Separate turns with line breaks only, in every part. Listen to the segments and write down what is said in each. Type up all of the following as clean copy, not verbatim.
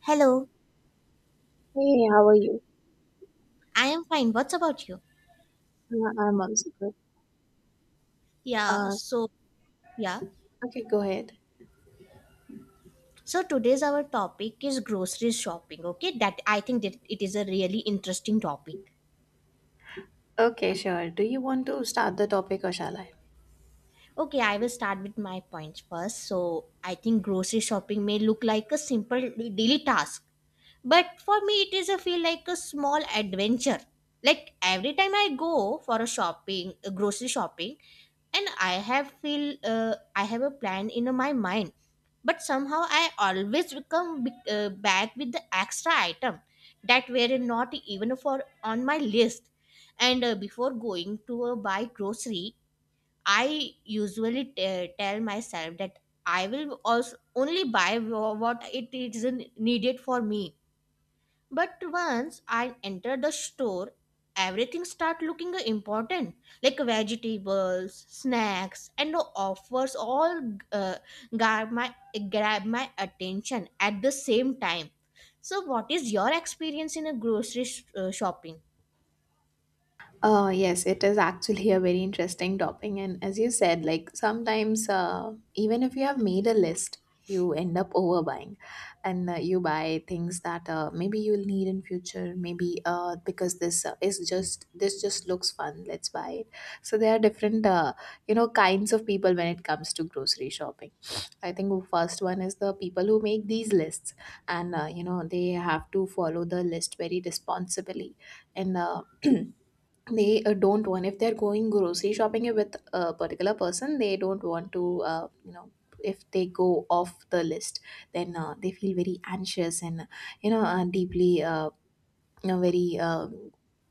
Hello,
Hey, how are you?
I am fine. What's about you?
I'm also good.
Yeah,
Uh,
so yeah.
okay, go ahead.
So today's our topic is grocery shopping. Okay, that I think that it is a really interesting topic.
Okay, sure. Do you want to start the topic or shall I?
Okay, I will start with my points first. So I think grocery shopping may look like a simple daily task, but for me it is a feel like a small adventure. Like every time I go for a shopping, a grocery shopping, And I have a plan in my mind, but somehow I always come back with the extra item that were not even for on my list. And before going to buy grocery, I usually tell myself that I will also only buy what it is needed for me. But once I enter the store, everything start looking important, like vegetables, snacks, and the offers all uh, grab my grab my attention at the same time. So, what is your experience in a grocery shopping?
Yes, it is actually a very interesting topic. And as you said, like sometimes, even if you have made a list, you end up overbuying and you buy things that maybe you'll need in future, maybe because this just looks fun, let's buy it. So there are different kinds of people when it comes to grocery shopping. I think the first one is the people who make these lists, and they have to follow the list very responsibly. And they don't want, if they're going grocery shopping with a particular person, they don't want to, if they go off the list, then they feel very anxious and, deeply, very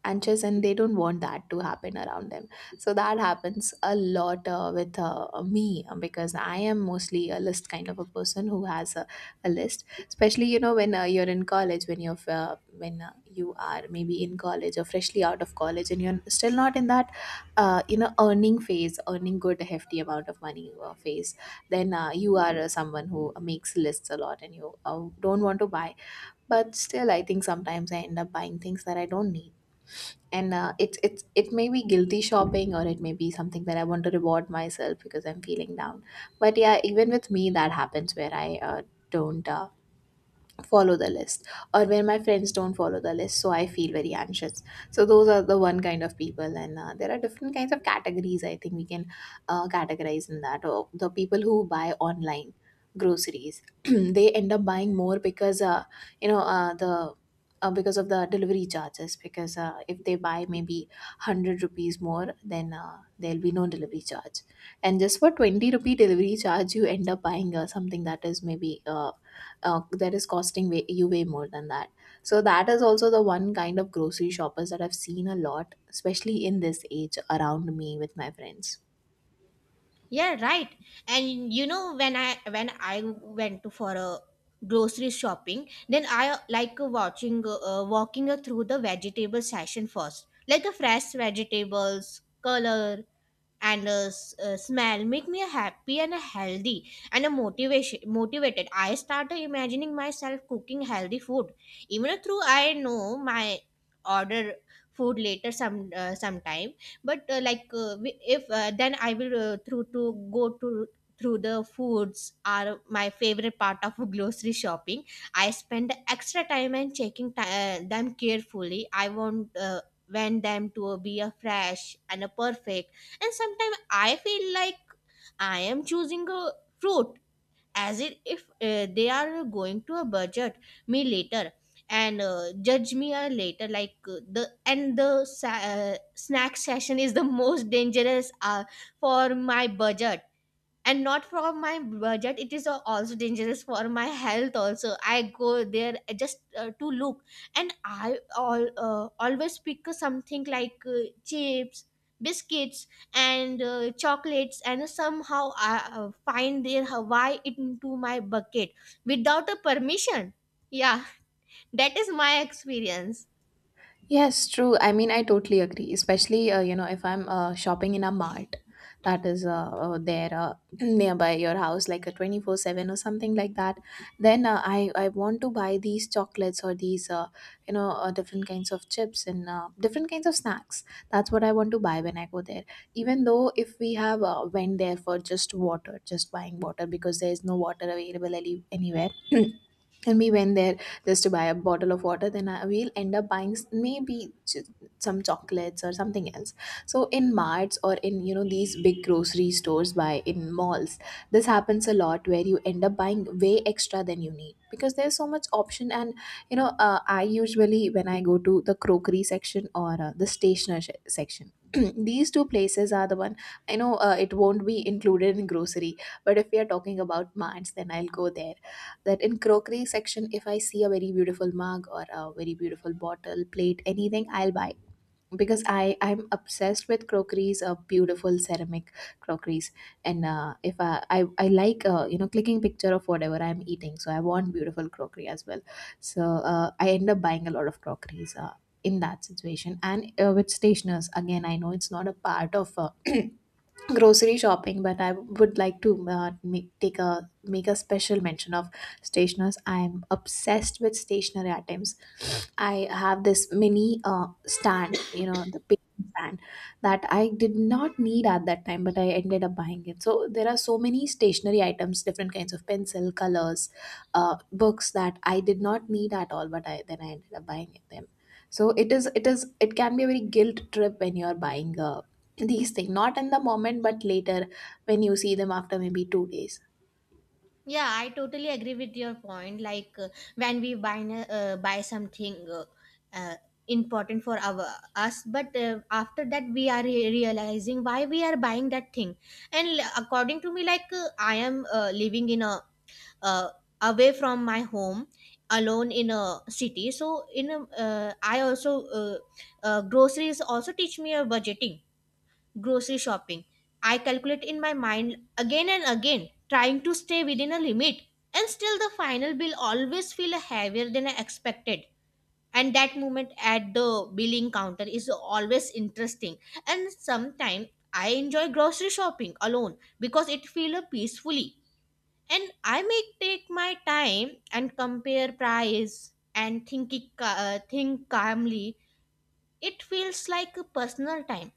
anxious, and they don't want that to happen around them. So that happens a lot with me, because I am mostly a list kind of a person who has a list, especially you know when you're in college, when you're when you are maybe in college or freshly out of college, and you're still not in that earning phase, earning good hefty amount of money phase. Then you are someone who makes lists a lot, and you don't want to buy, but still I think sometimes I end up buying things that I don't need. And it's it may be guilty shopping, or it may be something that I want to reward myself because I'm feeling down. But yeah, even with me that happens, where I don't follow the list, or when my friends don't follow the list, so I feel very anxious. So those are the one kind of people, and there are different kinds of categories I think we can categorize in that. Or the people who buy online groceries, they end up buying more because you know the because of the delivery charges, because if they buy maybe 100 rupees more, then there'll be no delivery charge, and just for 20 rupee delivery charge you end up buying something that is maybe that is costing way, you way more than that. So that is also the one kind of grocery shoppers that I've seen a lot, especially in this age around me with my friends.
Yeah, right. And you know, when I went to for a grocery shopping, then I like watching walking through the vegetable section first, like the fresh vegetables, color, and smell make me happy and healthy and a motivation motivated. I started imagining myself cooking healthy food, even though I know my order food later sometime. But like we- if then I will through to go to through, the foods are my favorite part of grocery shopping. I spend extra time and checking them carefully. I want them to be a fresh and a perfect. And sometimes I feel like I am choosing a fruit as if they are going to a budget me later and judge me later. Like the snack session is the most dangerous for my budget, and not from my budget, it is also dangerous for my health also. I go there just to look, and I all always pick something like chips, biscuits, and chocolates, and somehow I find their hawaii into my bucket without a permission. Yeah, that is my experience.
Yes, true. I mean, I totally agree. Especially, you know, if I'm shopping in a mart that is there nearby your house, like a 24/7 or something like that, then I want to buy these chocolates or these, you know, different kinds of chips and different kinds of snacks. That's what I want to buy when I go there. Even though if we have went there for just water, just buying water because there is no water available anywhere. And we went there just to buy a bottle of water, then I will end up buying some chocolates or something else. So in marts, or in you know these big grocery stores by in malls, this happens a lot where you end up buying way extra than you need because there's so much option. And you know I usually, when I go to the crockery section or the section, these two places are the one I know it won't be included in grocery, but if we are talking about marts then I'll go there. That in crockery section, if I see a very beautiful mug or a very beautiful bottle, plate, anything, I'll buy, because I'm obsessed with crockeries, beautiful ceramic crockeries. And if I like you know clicking picture of whatever I'm eating, so I want beautiful crockery as well. So I end up buying a lot of crockeries in that situation. And with stationers again, I know it's not a part of grocery shopping, but I would like to make a special mention of stationers. I am obsessed with stationery items. I have this mini stand, you know, the paint stand, that I did not need at that time, but I ended up buying it. So there are so many stationery items, different kinds of pencil, colors, books that I did not need at all, but I, then I ended up buying them. So it can be a very guilt trip when you are buying these things, not in the moment, but later, when you see them after maybe 2 days.
Yeah, I totally agree with your point. Like when we buy buy something uh, important for our us, but after that we are realizing why we are buying that thing. And according to me, like I am living in a uh, away from my home, alone in a city. So I also groceries also teach me a budgeting grocery shopping. I calculate in my mind again and again, trying to stay within a limit, and still the final bill always feel heavier than I expected. And that moment at the billing counter is always interesting. And sometimes I enjoy grocery shopping alone because it feels peacefully. And I may take my time and compare price and think calmly. It feels like a personal time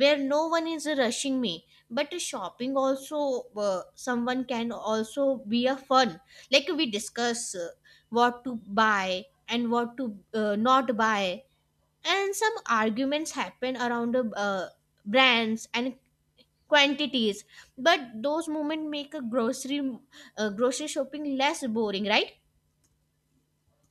where no one is rushing me, but shopping also someone can also be a fun, like we discuss what to buy and what to not buy, and some arguments happen around brands and quantities, but those moments make a grocery shopping less boring, right?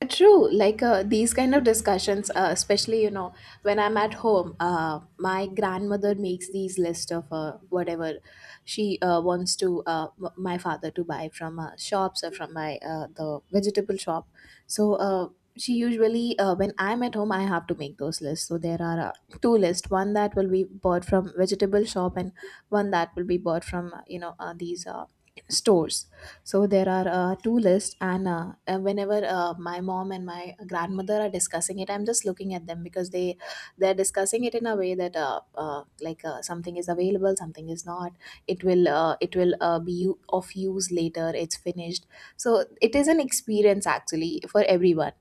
True, like these kind of discussions, especially you know when I'm at home, my grandmother makes these list of whatever she wants to, my father to buy from shops or from my the vegetable shop. So she usually, when I'm at home, I have to make those lists. So there are two lists: one that will be bought from vegetable shop, and one that will be bought from you know these stores. So there are two lists, and whenever my mom and my grandmother are discussing it, I'm just looking at them because they're discussing it in a way that like something is available, something is not. It will be of use later. It's finished. So it is an experience actually for everyone.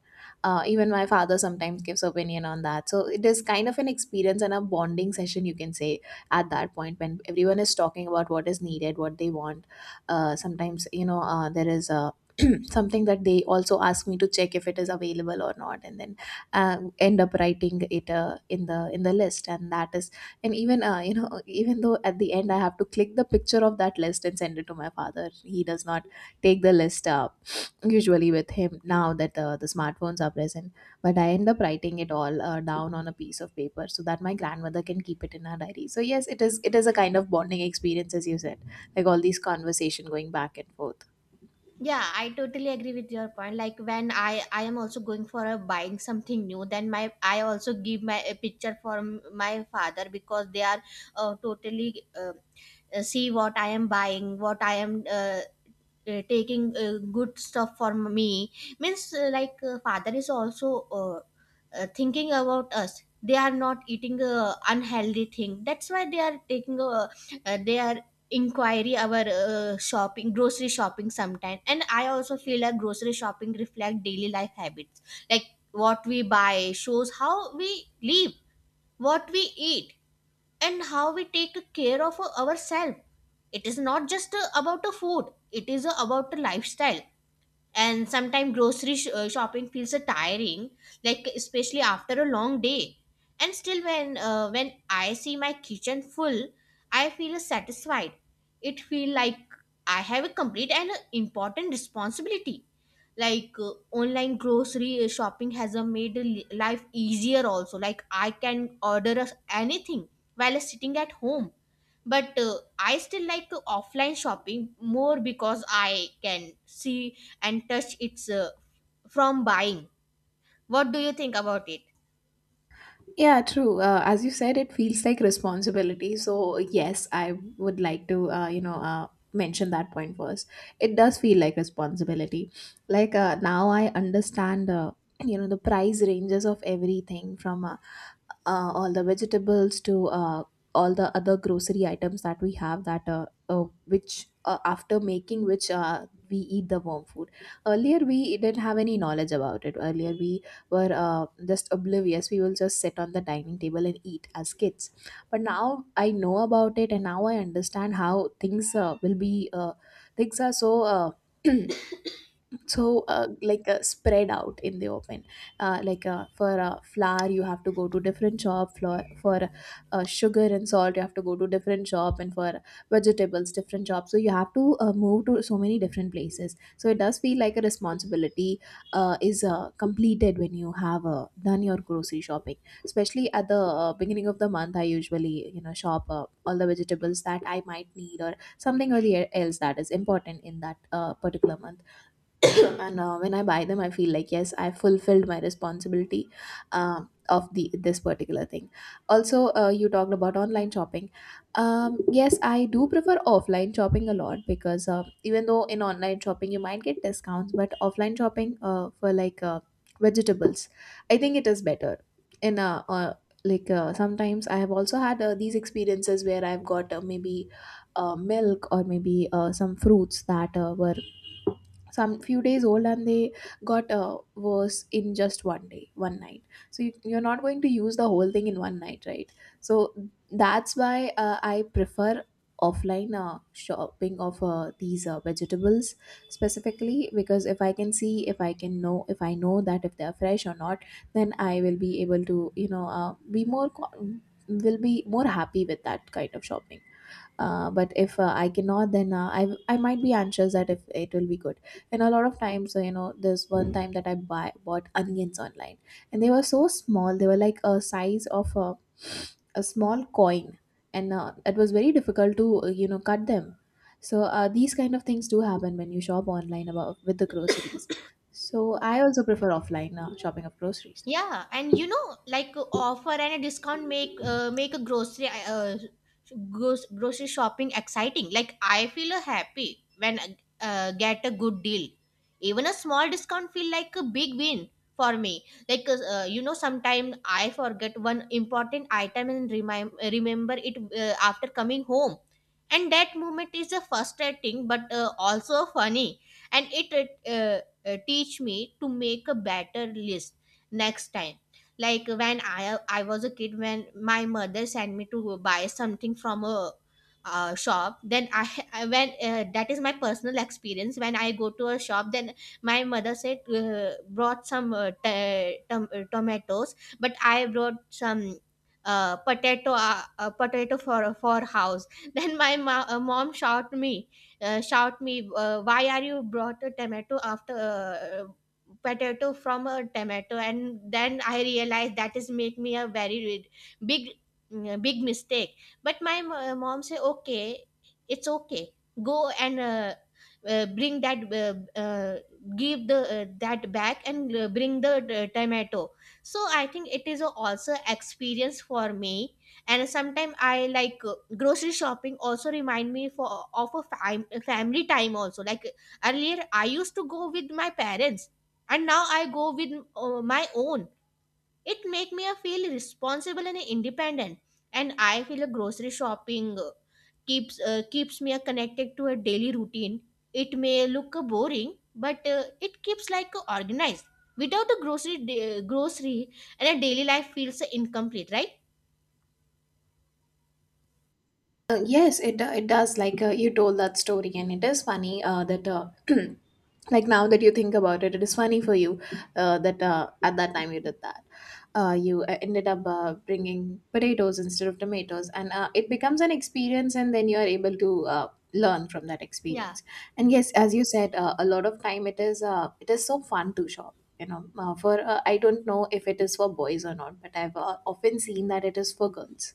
Even my father sometimes gives opinion on that. So it is kind of an experience and a bonding session, you can say, at that point when everyone is talking about what is needed, what they want. Sometimes you know there is a something that they also ask me to check if it is available or not, and then end up writing it in the list. And that is, and even you know, even though at the end I have to click the picture of that list and send it to my father, he does not take the list up usually with him now that the smartphones are present. But I end up writing it all down on a piece of paper so that my grandmother can keep it in her diary. So yes, it is a kind of bonding experience, as you said, like all these conversation going back and forth.
Yeah, I totally agree with your point. Like when I am also going for a buying something new, then my I also give my a picture for my father, because they are totally see what I am buying, what I am taking good stuff for me. Means like father is also thinking about us. They are not eating unhealthy thing, that's why they are taking they are inquiry our shopping grocery shopping sometime. And I also feel like grocery shopping reflect daily life habits, like what we buy shows how we live, what we eat, and how we take care of ourselves. It is not just about a food, it is about a lifestyle. And sometimes grocery shopping feels so tiring, like especially after a long day. And still when I see my kitchen full, I feel satisfied. It feel like I have a complete and important responsibility. Like online grocery shopping has made life easier also, like I can order us anything while sitting at home, but I still like offline shopping more, because I can see and touch it's from buying. What do you think about it?
Yeah, true. As you said, it feels like responsibility. So yes, I would like to, you know, mention that point first. It does feel like responsibility. Like now, I understand, you know, the price ranges of everything from all the vegetables to all the other grocery items that we have, that which after making which we eat the warm food. Earlier we didn't have any knowledge about it, earlier we were just oblivious, we will just sit on the dining table and eat as kids. But now I know about it, and now I understand how things will be things are so so like spread out in the open. Like for flour you have to go to different shop, for sugar and salt you have to go to different shop, and for vegetables different shop. So you have to move to so many different places. So it does feel like a responsibility is completed when you have done your grocery shopping, especially at the beginning of the month. I usually you know shop all the vegetables that I might need or something, or the else that is important in that particular month. And when I buy them I feel like yes, I fulfilled my responsibility um, of the this particular thing. Also you talked about online shopping. Yes, I do prefer offline shopping a lot, because even though in online shopping you might get discounts, but offline shopping for like vegetables I think it is better in like sometimes I have also had these experiences where I've got maybe milk or maybe some fruits that were some few days old, and they got worse in just one day one night. So you're not going to use the whole thing in one night, right? So that's why I prefer offline shopping of these vegetables specifically, because if I can see, if I can know, if I know that if they are fresh or not, then I will be able to, be will be more happy with that kind of shopping. But if I cannot, then I might be anxious that if it will be good. And a lot of times, there's one time that I buy bought onions online, and they were so small. They were like a size of a small coin, and it was very difficult to, cut them. So these kind of things do happen when you shop online about with the groceries, so I also prefer offline shopping of groceries.
Yeah, and you know, like offer and a discount make a grocery grocery shopping exciting. Like I feel happy when get a good deal. Even a small discount feel like a big win for me. Like, sometimes I forget one important item and remind remember it after coming home, and that moment is a frustrating but also funny, and it teach me to make a better list next time. Like when I was a kid, when my mother sent me to buy something from a shop, then I when that is my personal experience. When I go to a shop, then my mother said brought some tomatoes, but I brought some potato, potato for house. Then my mom shout me why are you brought a tomato after potato from a tomato. And then I realized that is make me a very big big mistake. But my mom say okay, it's okay, go and bring that give the that back, and bring the tomato. So I think it is a also experience for me. And sometimes I like grocery shopping also remind me for of a family time also. Like earlier I used to go with my parents, and now I go with my own. It make me a feel responsible and independent. And I feel a grocery shopping keeps me connected to a daily routine. It may look boring, but it keeps like organized. Without a grocery grocery and a daily life feels incomplete, right?
Yes, it does. Like, you told that story, and it is funny that. Like, now that you think about it, it is funny for you that at that time you did that. You ended up bringing potatoes instead of tomatoes, and it becomes an experience, and then you are able to learn from that
Yeah.
experience. And yes, as you said, a lot of time it is so fun to shop. You know, for, I don't know if it is for boys or not, but I've often seen that it is for girls.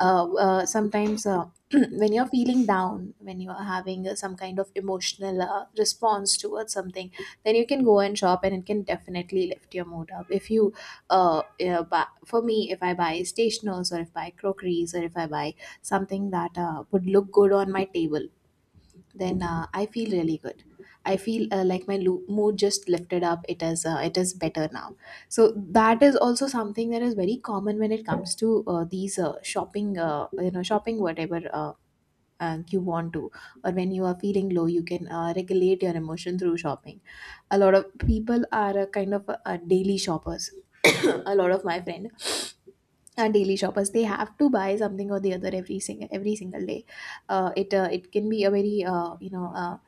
Sometimes, when you're feeling down, when you're having some kind of emotional response towards something, then you can go and shop, and it can definitely lift your mood up if you buy. For me, if I buy stationers, or if I buy crockeries, or if I buy something that would look good on my table, then, I feel really good. I feel like my mood just lifted up. It is better now. So that is also something that is very common when it comes to these shopping. Shopping whatever. You want to, or when you are feeling low, you can regulate your emotion through shopping. A lot of people are a kind of daily shoppers. A lot of my friend are daily shoppers. They have to buy something or the other every single day. It can be a very,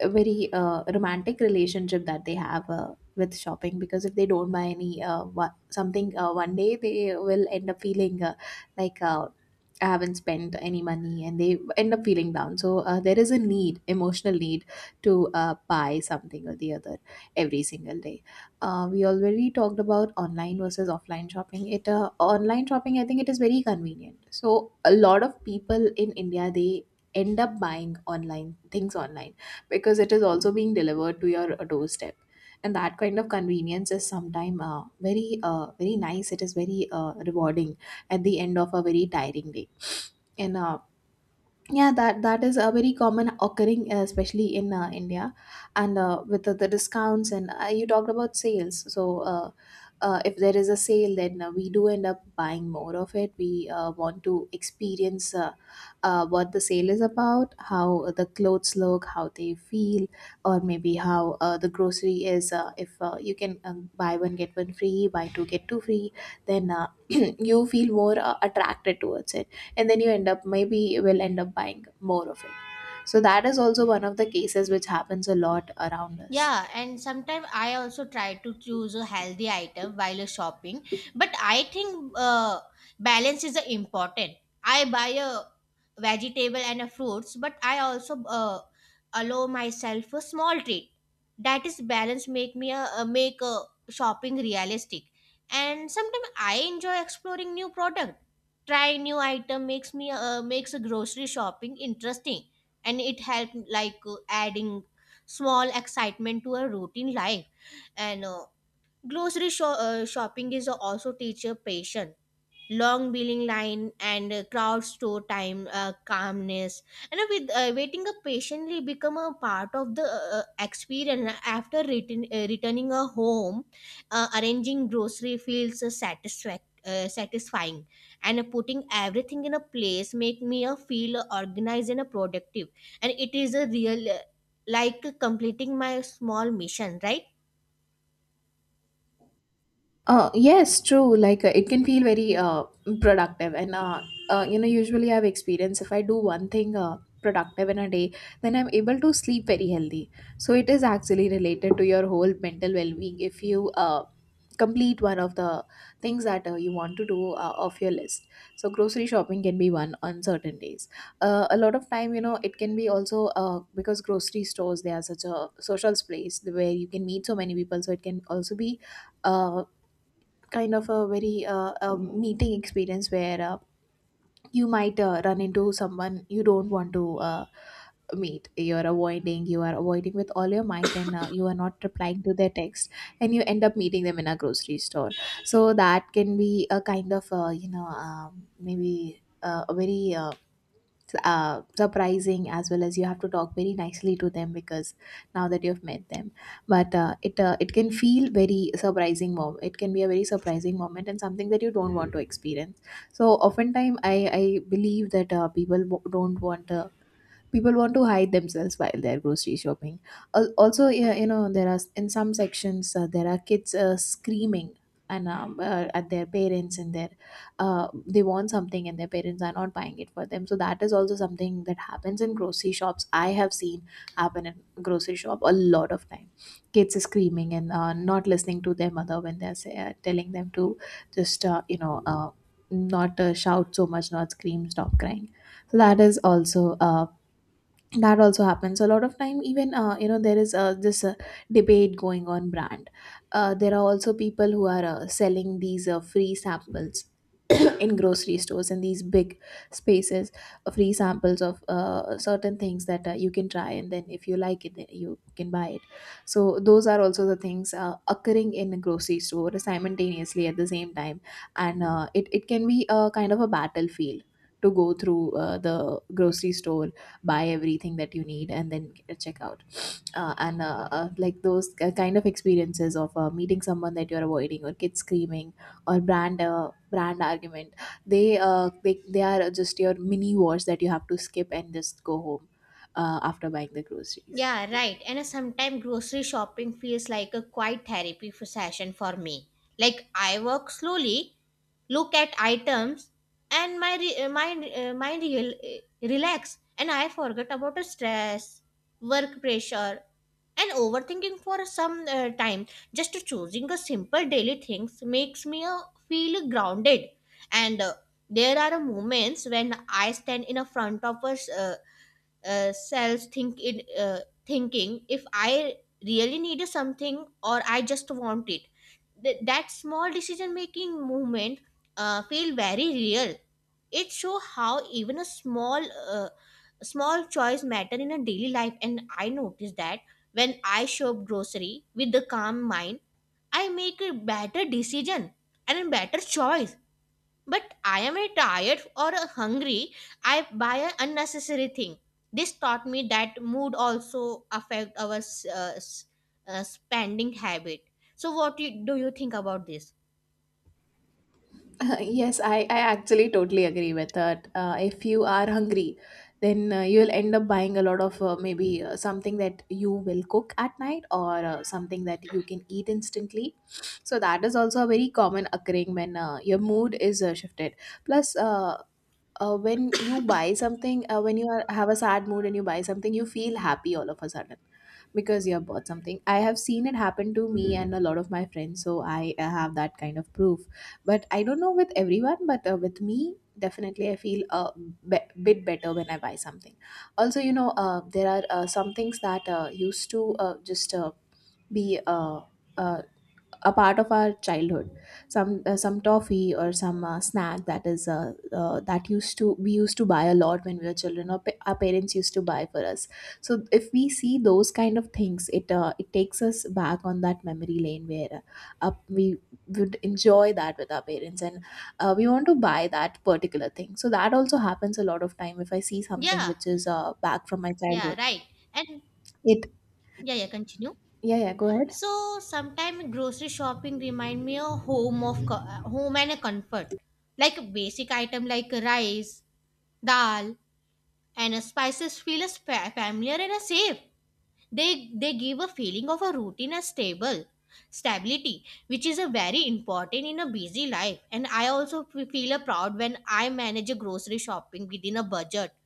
a very romantic relationship that they have with shopping, because if they don't buy any, something, one day they will end up feeling, like, I haven't spent any money, and they end up feeling down. So there is a need, emotional need, to buy something or the other every single day. We already talked about online versus offline shopping. It Online shopping, I think, it is very convenient, so a lot of people in India, they end up buying online, things online, because it is also being delivered to your doorstep, and that kind of convenience is sometimes very, very nice. It is very rewarding at the end of a very tiring day. And Yeah, that is a very common occurring, especially in India. And with the discounts, and you talked about sales, so if there is a sale, then we do end up buying more of it. We want to experience, what the sale is about, how the clothes look, how they feel, or maybe how the grocery is. If you can, buy one get one free, buy two get two free, then, you feel more attracted towards it, and then you end up, maybe you will end up buying more of it. So that is also one of the cases which happens a lot around us.
Yeah, and sometimes I also try to choose a healthy item while shopping, but I think balance is important. I buy a vegetable and a fruits, but I also allow myself a small treat. That is balance make a shopping realistic. And sometimes I enjoy exploring new product. Trying new item makes a grocery shopping interesting, and it help like adding small excitement to a routine life. And grocery shopping is also teacher patience. Long billing line and crowd store time calmness, and with waiting up patiently become a part of the experience. After returning a home, arranging grocery feels satisfying, and putting everything in a place make me feel organized and productive, and it is a real like completing my small mission, right?
Yes, true. Like, it can feel very, productive, and, you know, usually I've experienced if I do one thing productive in a day, then I'm able to sleep very healthy. So it is actually related to your whole mental well-being if you complete one of the things that you want to do off your list. So grocery shopping can be one on certain days. A lot of time, you know, it can be also, because grocery stores, they are such a social place where you can meet so many people, so it can also be Uh, kind of a very, a meeting experience, where, you might run into someone you don't want to meet, you are avoiding with all your might, and you are not replying to their text, and you end up meeting them in a grocery store. So that can be a kind of, maybe, a very, surprising, as well as you have to talk very nicely to them, because now that you've met them. But it can feel very surprising moment, it can be a very surprising moment, and something that you don't want to experience. So oftentimes, I believe that people wo- don't want to people want to hide themselves while they're grocery shopping. Also, yeah, you know, there are, in some sections, there are kids screaming and, at their parents, and their, they want something and their parents are not buying it for them. So that is also something that happens in grocery shops. I have seen happen in grocery shop a lot of time, kids are screaming and not listening to their mother when telling them to just, not shout so much, not scream, stop crying. So that is also, that also happens a lot of time. Even, you know, there is this debate going on brand. There are also people who are selling these free samples in grocery stores, and these big spaces, free samples of certain things that you can try, and then if you like it, then you can buy it. So those are also the things occurring in a grocery store simultaneously at the same time. And it can be a kind of a battlefield to go through, the grocery store, buy everything that you need, and then check out. And Like those kind of experiences of meeting someone that you're avoiding, or kids screaming, or brand argument, they are just your mini wars that you have to skip and just go home, after buying the groceries.
Yeah, right. And sometimes grocery shopping feels like a quiet therapy for session for me. Like I walk slowly, look at items, and my mind relax, and I forget about the stress, work pressure, and overthinking for some time. Just choosing a simple daily things makes me feel grounded, and there are moments when I stand in a front of a self, thinking if I really needed something or I just want it. That small decision making movement feel very real. It show how even a uh, small choice matter in a daily life. And I noticed that when I shop grocery with the calm mind, I make a better decision and a better choice. But I am a tired or a hungry, I buy an unnecessary thing. This taught me that mood also affect our spending habit. So do you think about this?
Yes, I actually totally agree with that. If you are hungry, then you'll end up buying a lot of, maybe something that you will cook at night, or something that you can eat instantly. So that is also a very common occurring when your mood is shifted. Plus, when you buy something, when have a sad mood and you buy something, you feel happy all of a sudden, because you have bought something. I have seen it happen to me and a lot of my friends, so I have that kind of proof. But I don't know with everyone, but with me, definitely I feel a bit better when I buy something. Also, you know, there are some things that used to just be uh, a part of our childhood. Some toffee, or some snack that is, that used to we used to buy a lot when we were children, or our parents used to buy for us. So if we see those kind of things, it takes us back on that memory lane, where, we would enjoy that with our parents, and we want to buy that particular thing. So that also happens a lot of time if I see something
Yeah,
which is back from my
yeah,
childhood.
right. And
It
yeah, yeah, continue.
Yeah, yeah, go ahead.
So sometimes grocery shopping remind me of home home and a comfort. Like a basic item like rice, dal, and spices feel as familiar and a safe. They give a feeling of a routine and stable stability, which is a very important in a busy life. And I also feel a proud when I manage a grocery shopping within a budget.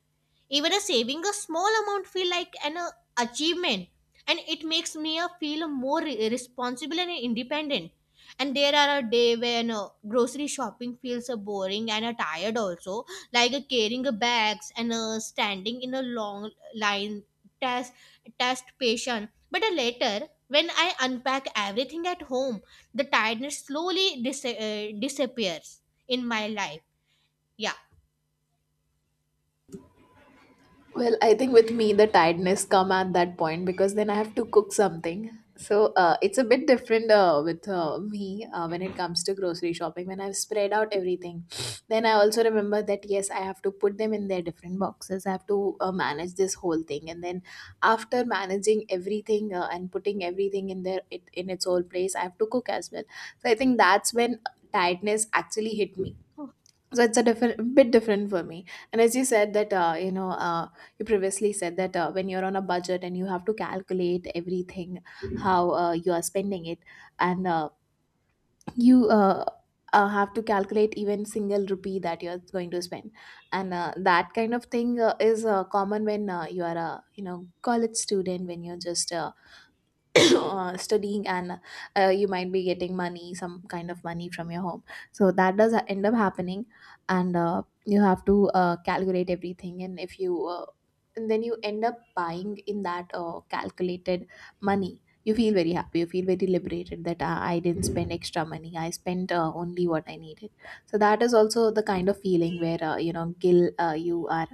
Even a saving a small amount feel like an achievement, and it makes me feel more responsible and independent. And there are a day when grocery shopping feels boring and tired also, like carrying bags and standing in a long line test test patient. But later when I unpack everything at home, the tiredness slowly disappears in my life. Yeah.
Well, I think with me the tiredness come at that point, because then I have to cook something. So it's a bit different with me when it comes to grocery shopping. When I've spread out everything, then I also remember that yes, I have to put them in their different boxes. I have to manage this whole thing, and then after managing everything and putting everything in in its own place, I have to cook as well. So I think that's when tiredness actually hit me, so it's a different bit different for me. And as you said that you previously said that when you're on a budget and you have to calculate everything, how you are spending it, and you have to calculate even single rupee that you're going to spend. And that kind of thing is common when you are a, you know, college student, when you're just studying. And you might be getting money some kind of money from your home, so that does end up happening. And you have to calculate everything, and if you and then you end up buying in that calculated money, you feel very happy, you feel very liberated that I didn't spend extra money, I spent only what I needed. So that is also the kind of feeling where you know gil you are,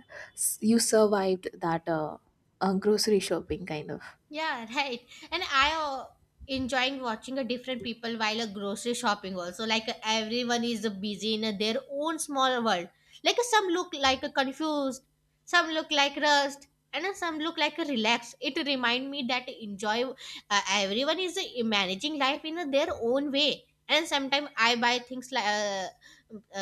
you survived that grocery shopping kind of.
Yeah, right. And I enjoying watching a different people while a grocery shopping also. Like everyone is busy in their own small world. Like some look like a confused, some look like rust, and some look like a relaxed. It remind me that enjoy. Everyone is managing life in their own way. And sometimes I buy things like uh,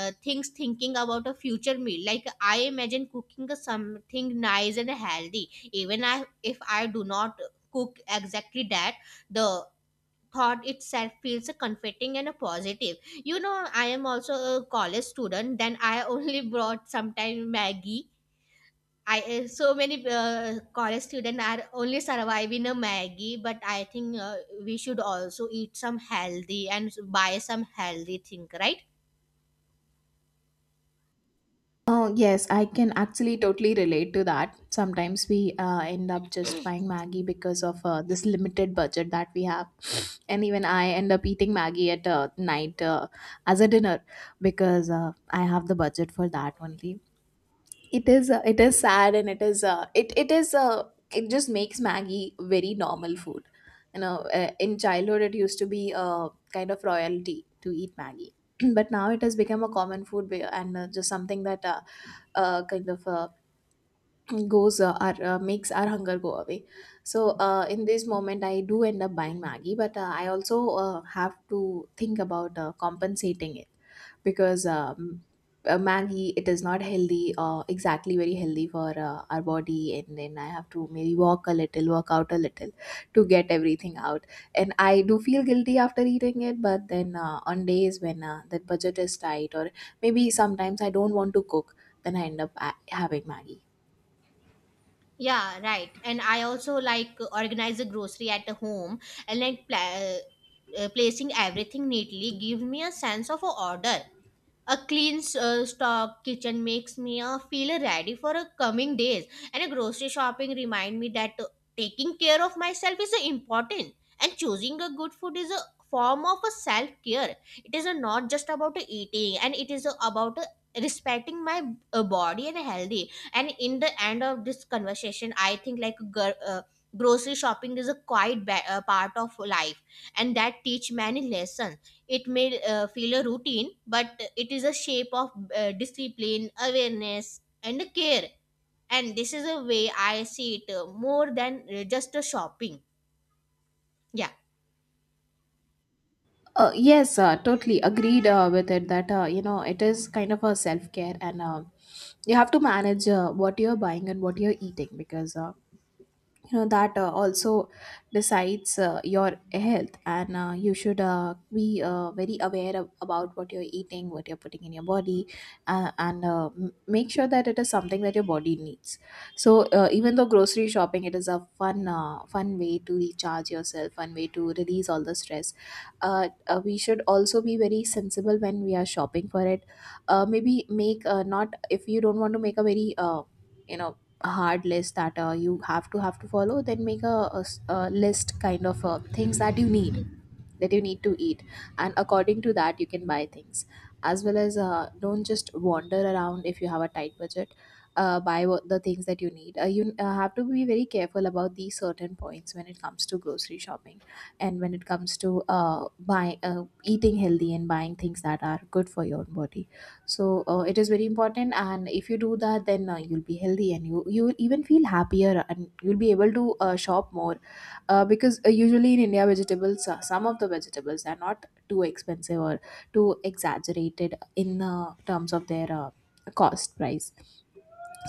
uh, things thinking about a future meal. Like I imagine cooking something nice and healthy. Even if I do not cook exactly that, the thought itself feels a comforting and a positive. You know, I am also a college student, then I only brought sometime maggie. I So many college students are only surviving a maggie, but I think we should also eat some healthy and buy some healthy thing, right?
Oh, yes, I can actually totally relate to that. Sometimes we end up just buying Maggie because of this limited budget that we have. And even I end up eating Maggie at night, as a dinner, because I have the budget for that only. It is sad, and it is it it is it just makes Maggie very normal food, you know. In childhood, it used to be a kind of royalty to eat Maggie, but now it has become a common food, and just something that kind of goes our makes our hunger go away. So in this moment I do end up buying Maggie, but I also have to think about compensating it, because Maggie, it is not healthy exactly very healthy for our body, and then I have to maybe walk a little, work out a little to get everything out. And I do feel guilty after eating it, but then on days when that budget is tight, or maybe sometimes I don't want to cook, then I end up having Maggie.
Yeah, right. And I also like organize the grocery at the home, and like placing everything neatly gives me a sense of a order. A clean stock kitchen makes me feel ready for coming days, and a grocery shopping remind me that taking care of myself is important, and choosing a good food is a form of a self care. It is not just about eating, and it is about respecting my body and healthy. And in the end of this conversation, I think like grocery shopping is a quite part of life, and that teach many lessons. It may feel a routine, but it is a shape of discipline, awareness, and care. And this is a way I see it more than just a shopping. Yeah.
Yes, totally agreed with it, that you know, it is kind of a self care. And you have to manage what you're buying and what you're eating, because you know that also decides your health, and you should be very about what you're eating, what you're putting in your body. Make sure that it is something that your body needs. So even though grocery shopping, it is a fun way to recharge yourself, fun way to release all the stress, we should also be very sensible when we are shopping for it. Maybe make not, if you don't want to make a very you know hard list that you have to follow, then make a a list kind of things that you need,
Y-
that you need to eat, and according to that you can buy things. As well as don't just wander around if you have a tight budget. Buy what the things that you need. You have to be very careful about these certain points when it comes to grocery shopping, and when it comes to buying, eating healthy and buying things that are good for your own body. So it is very important, and if you do that, then you'll be healthy, and you will even feel happier, and you'll be able to shop more, because usually in India, vegetables, some of the vegetables are not too expensive or too exaggerated in terms of their cost price.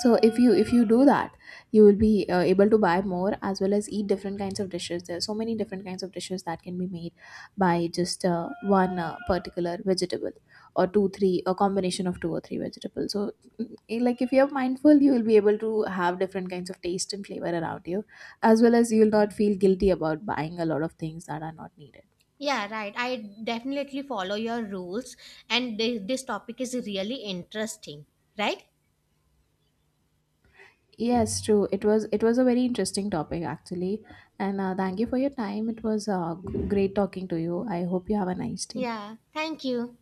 So if you do that, you will be able to buy more, as well as eat different kinds of dishes. There are so many different kinds of dishes that can be made by just one particular vegetable, or two three, a combination of two or three vegetables. So like if you're mindful, you will be able to have different kinds of taste and flavor around you, as well as you'll not feel guilty about buying a lot of things that are not needed.
Yeah, right. I definitely follow your rules, and this topic is really interesting, right?
Yes, true. It was a very interesting topic actually, and thank you for your time. It was great talking to you. I hope you have a nice day.
Yeah. Thank you.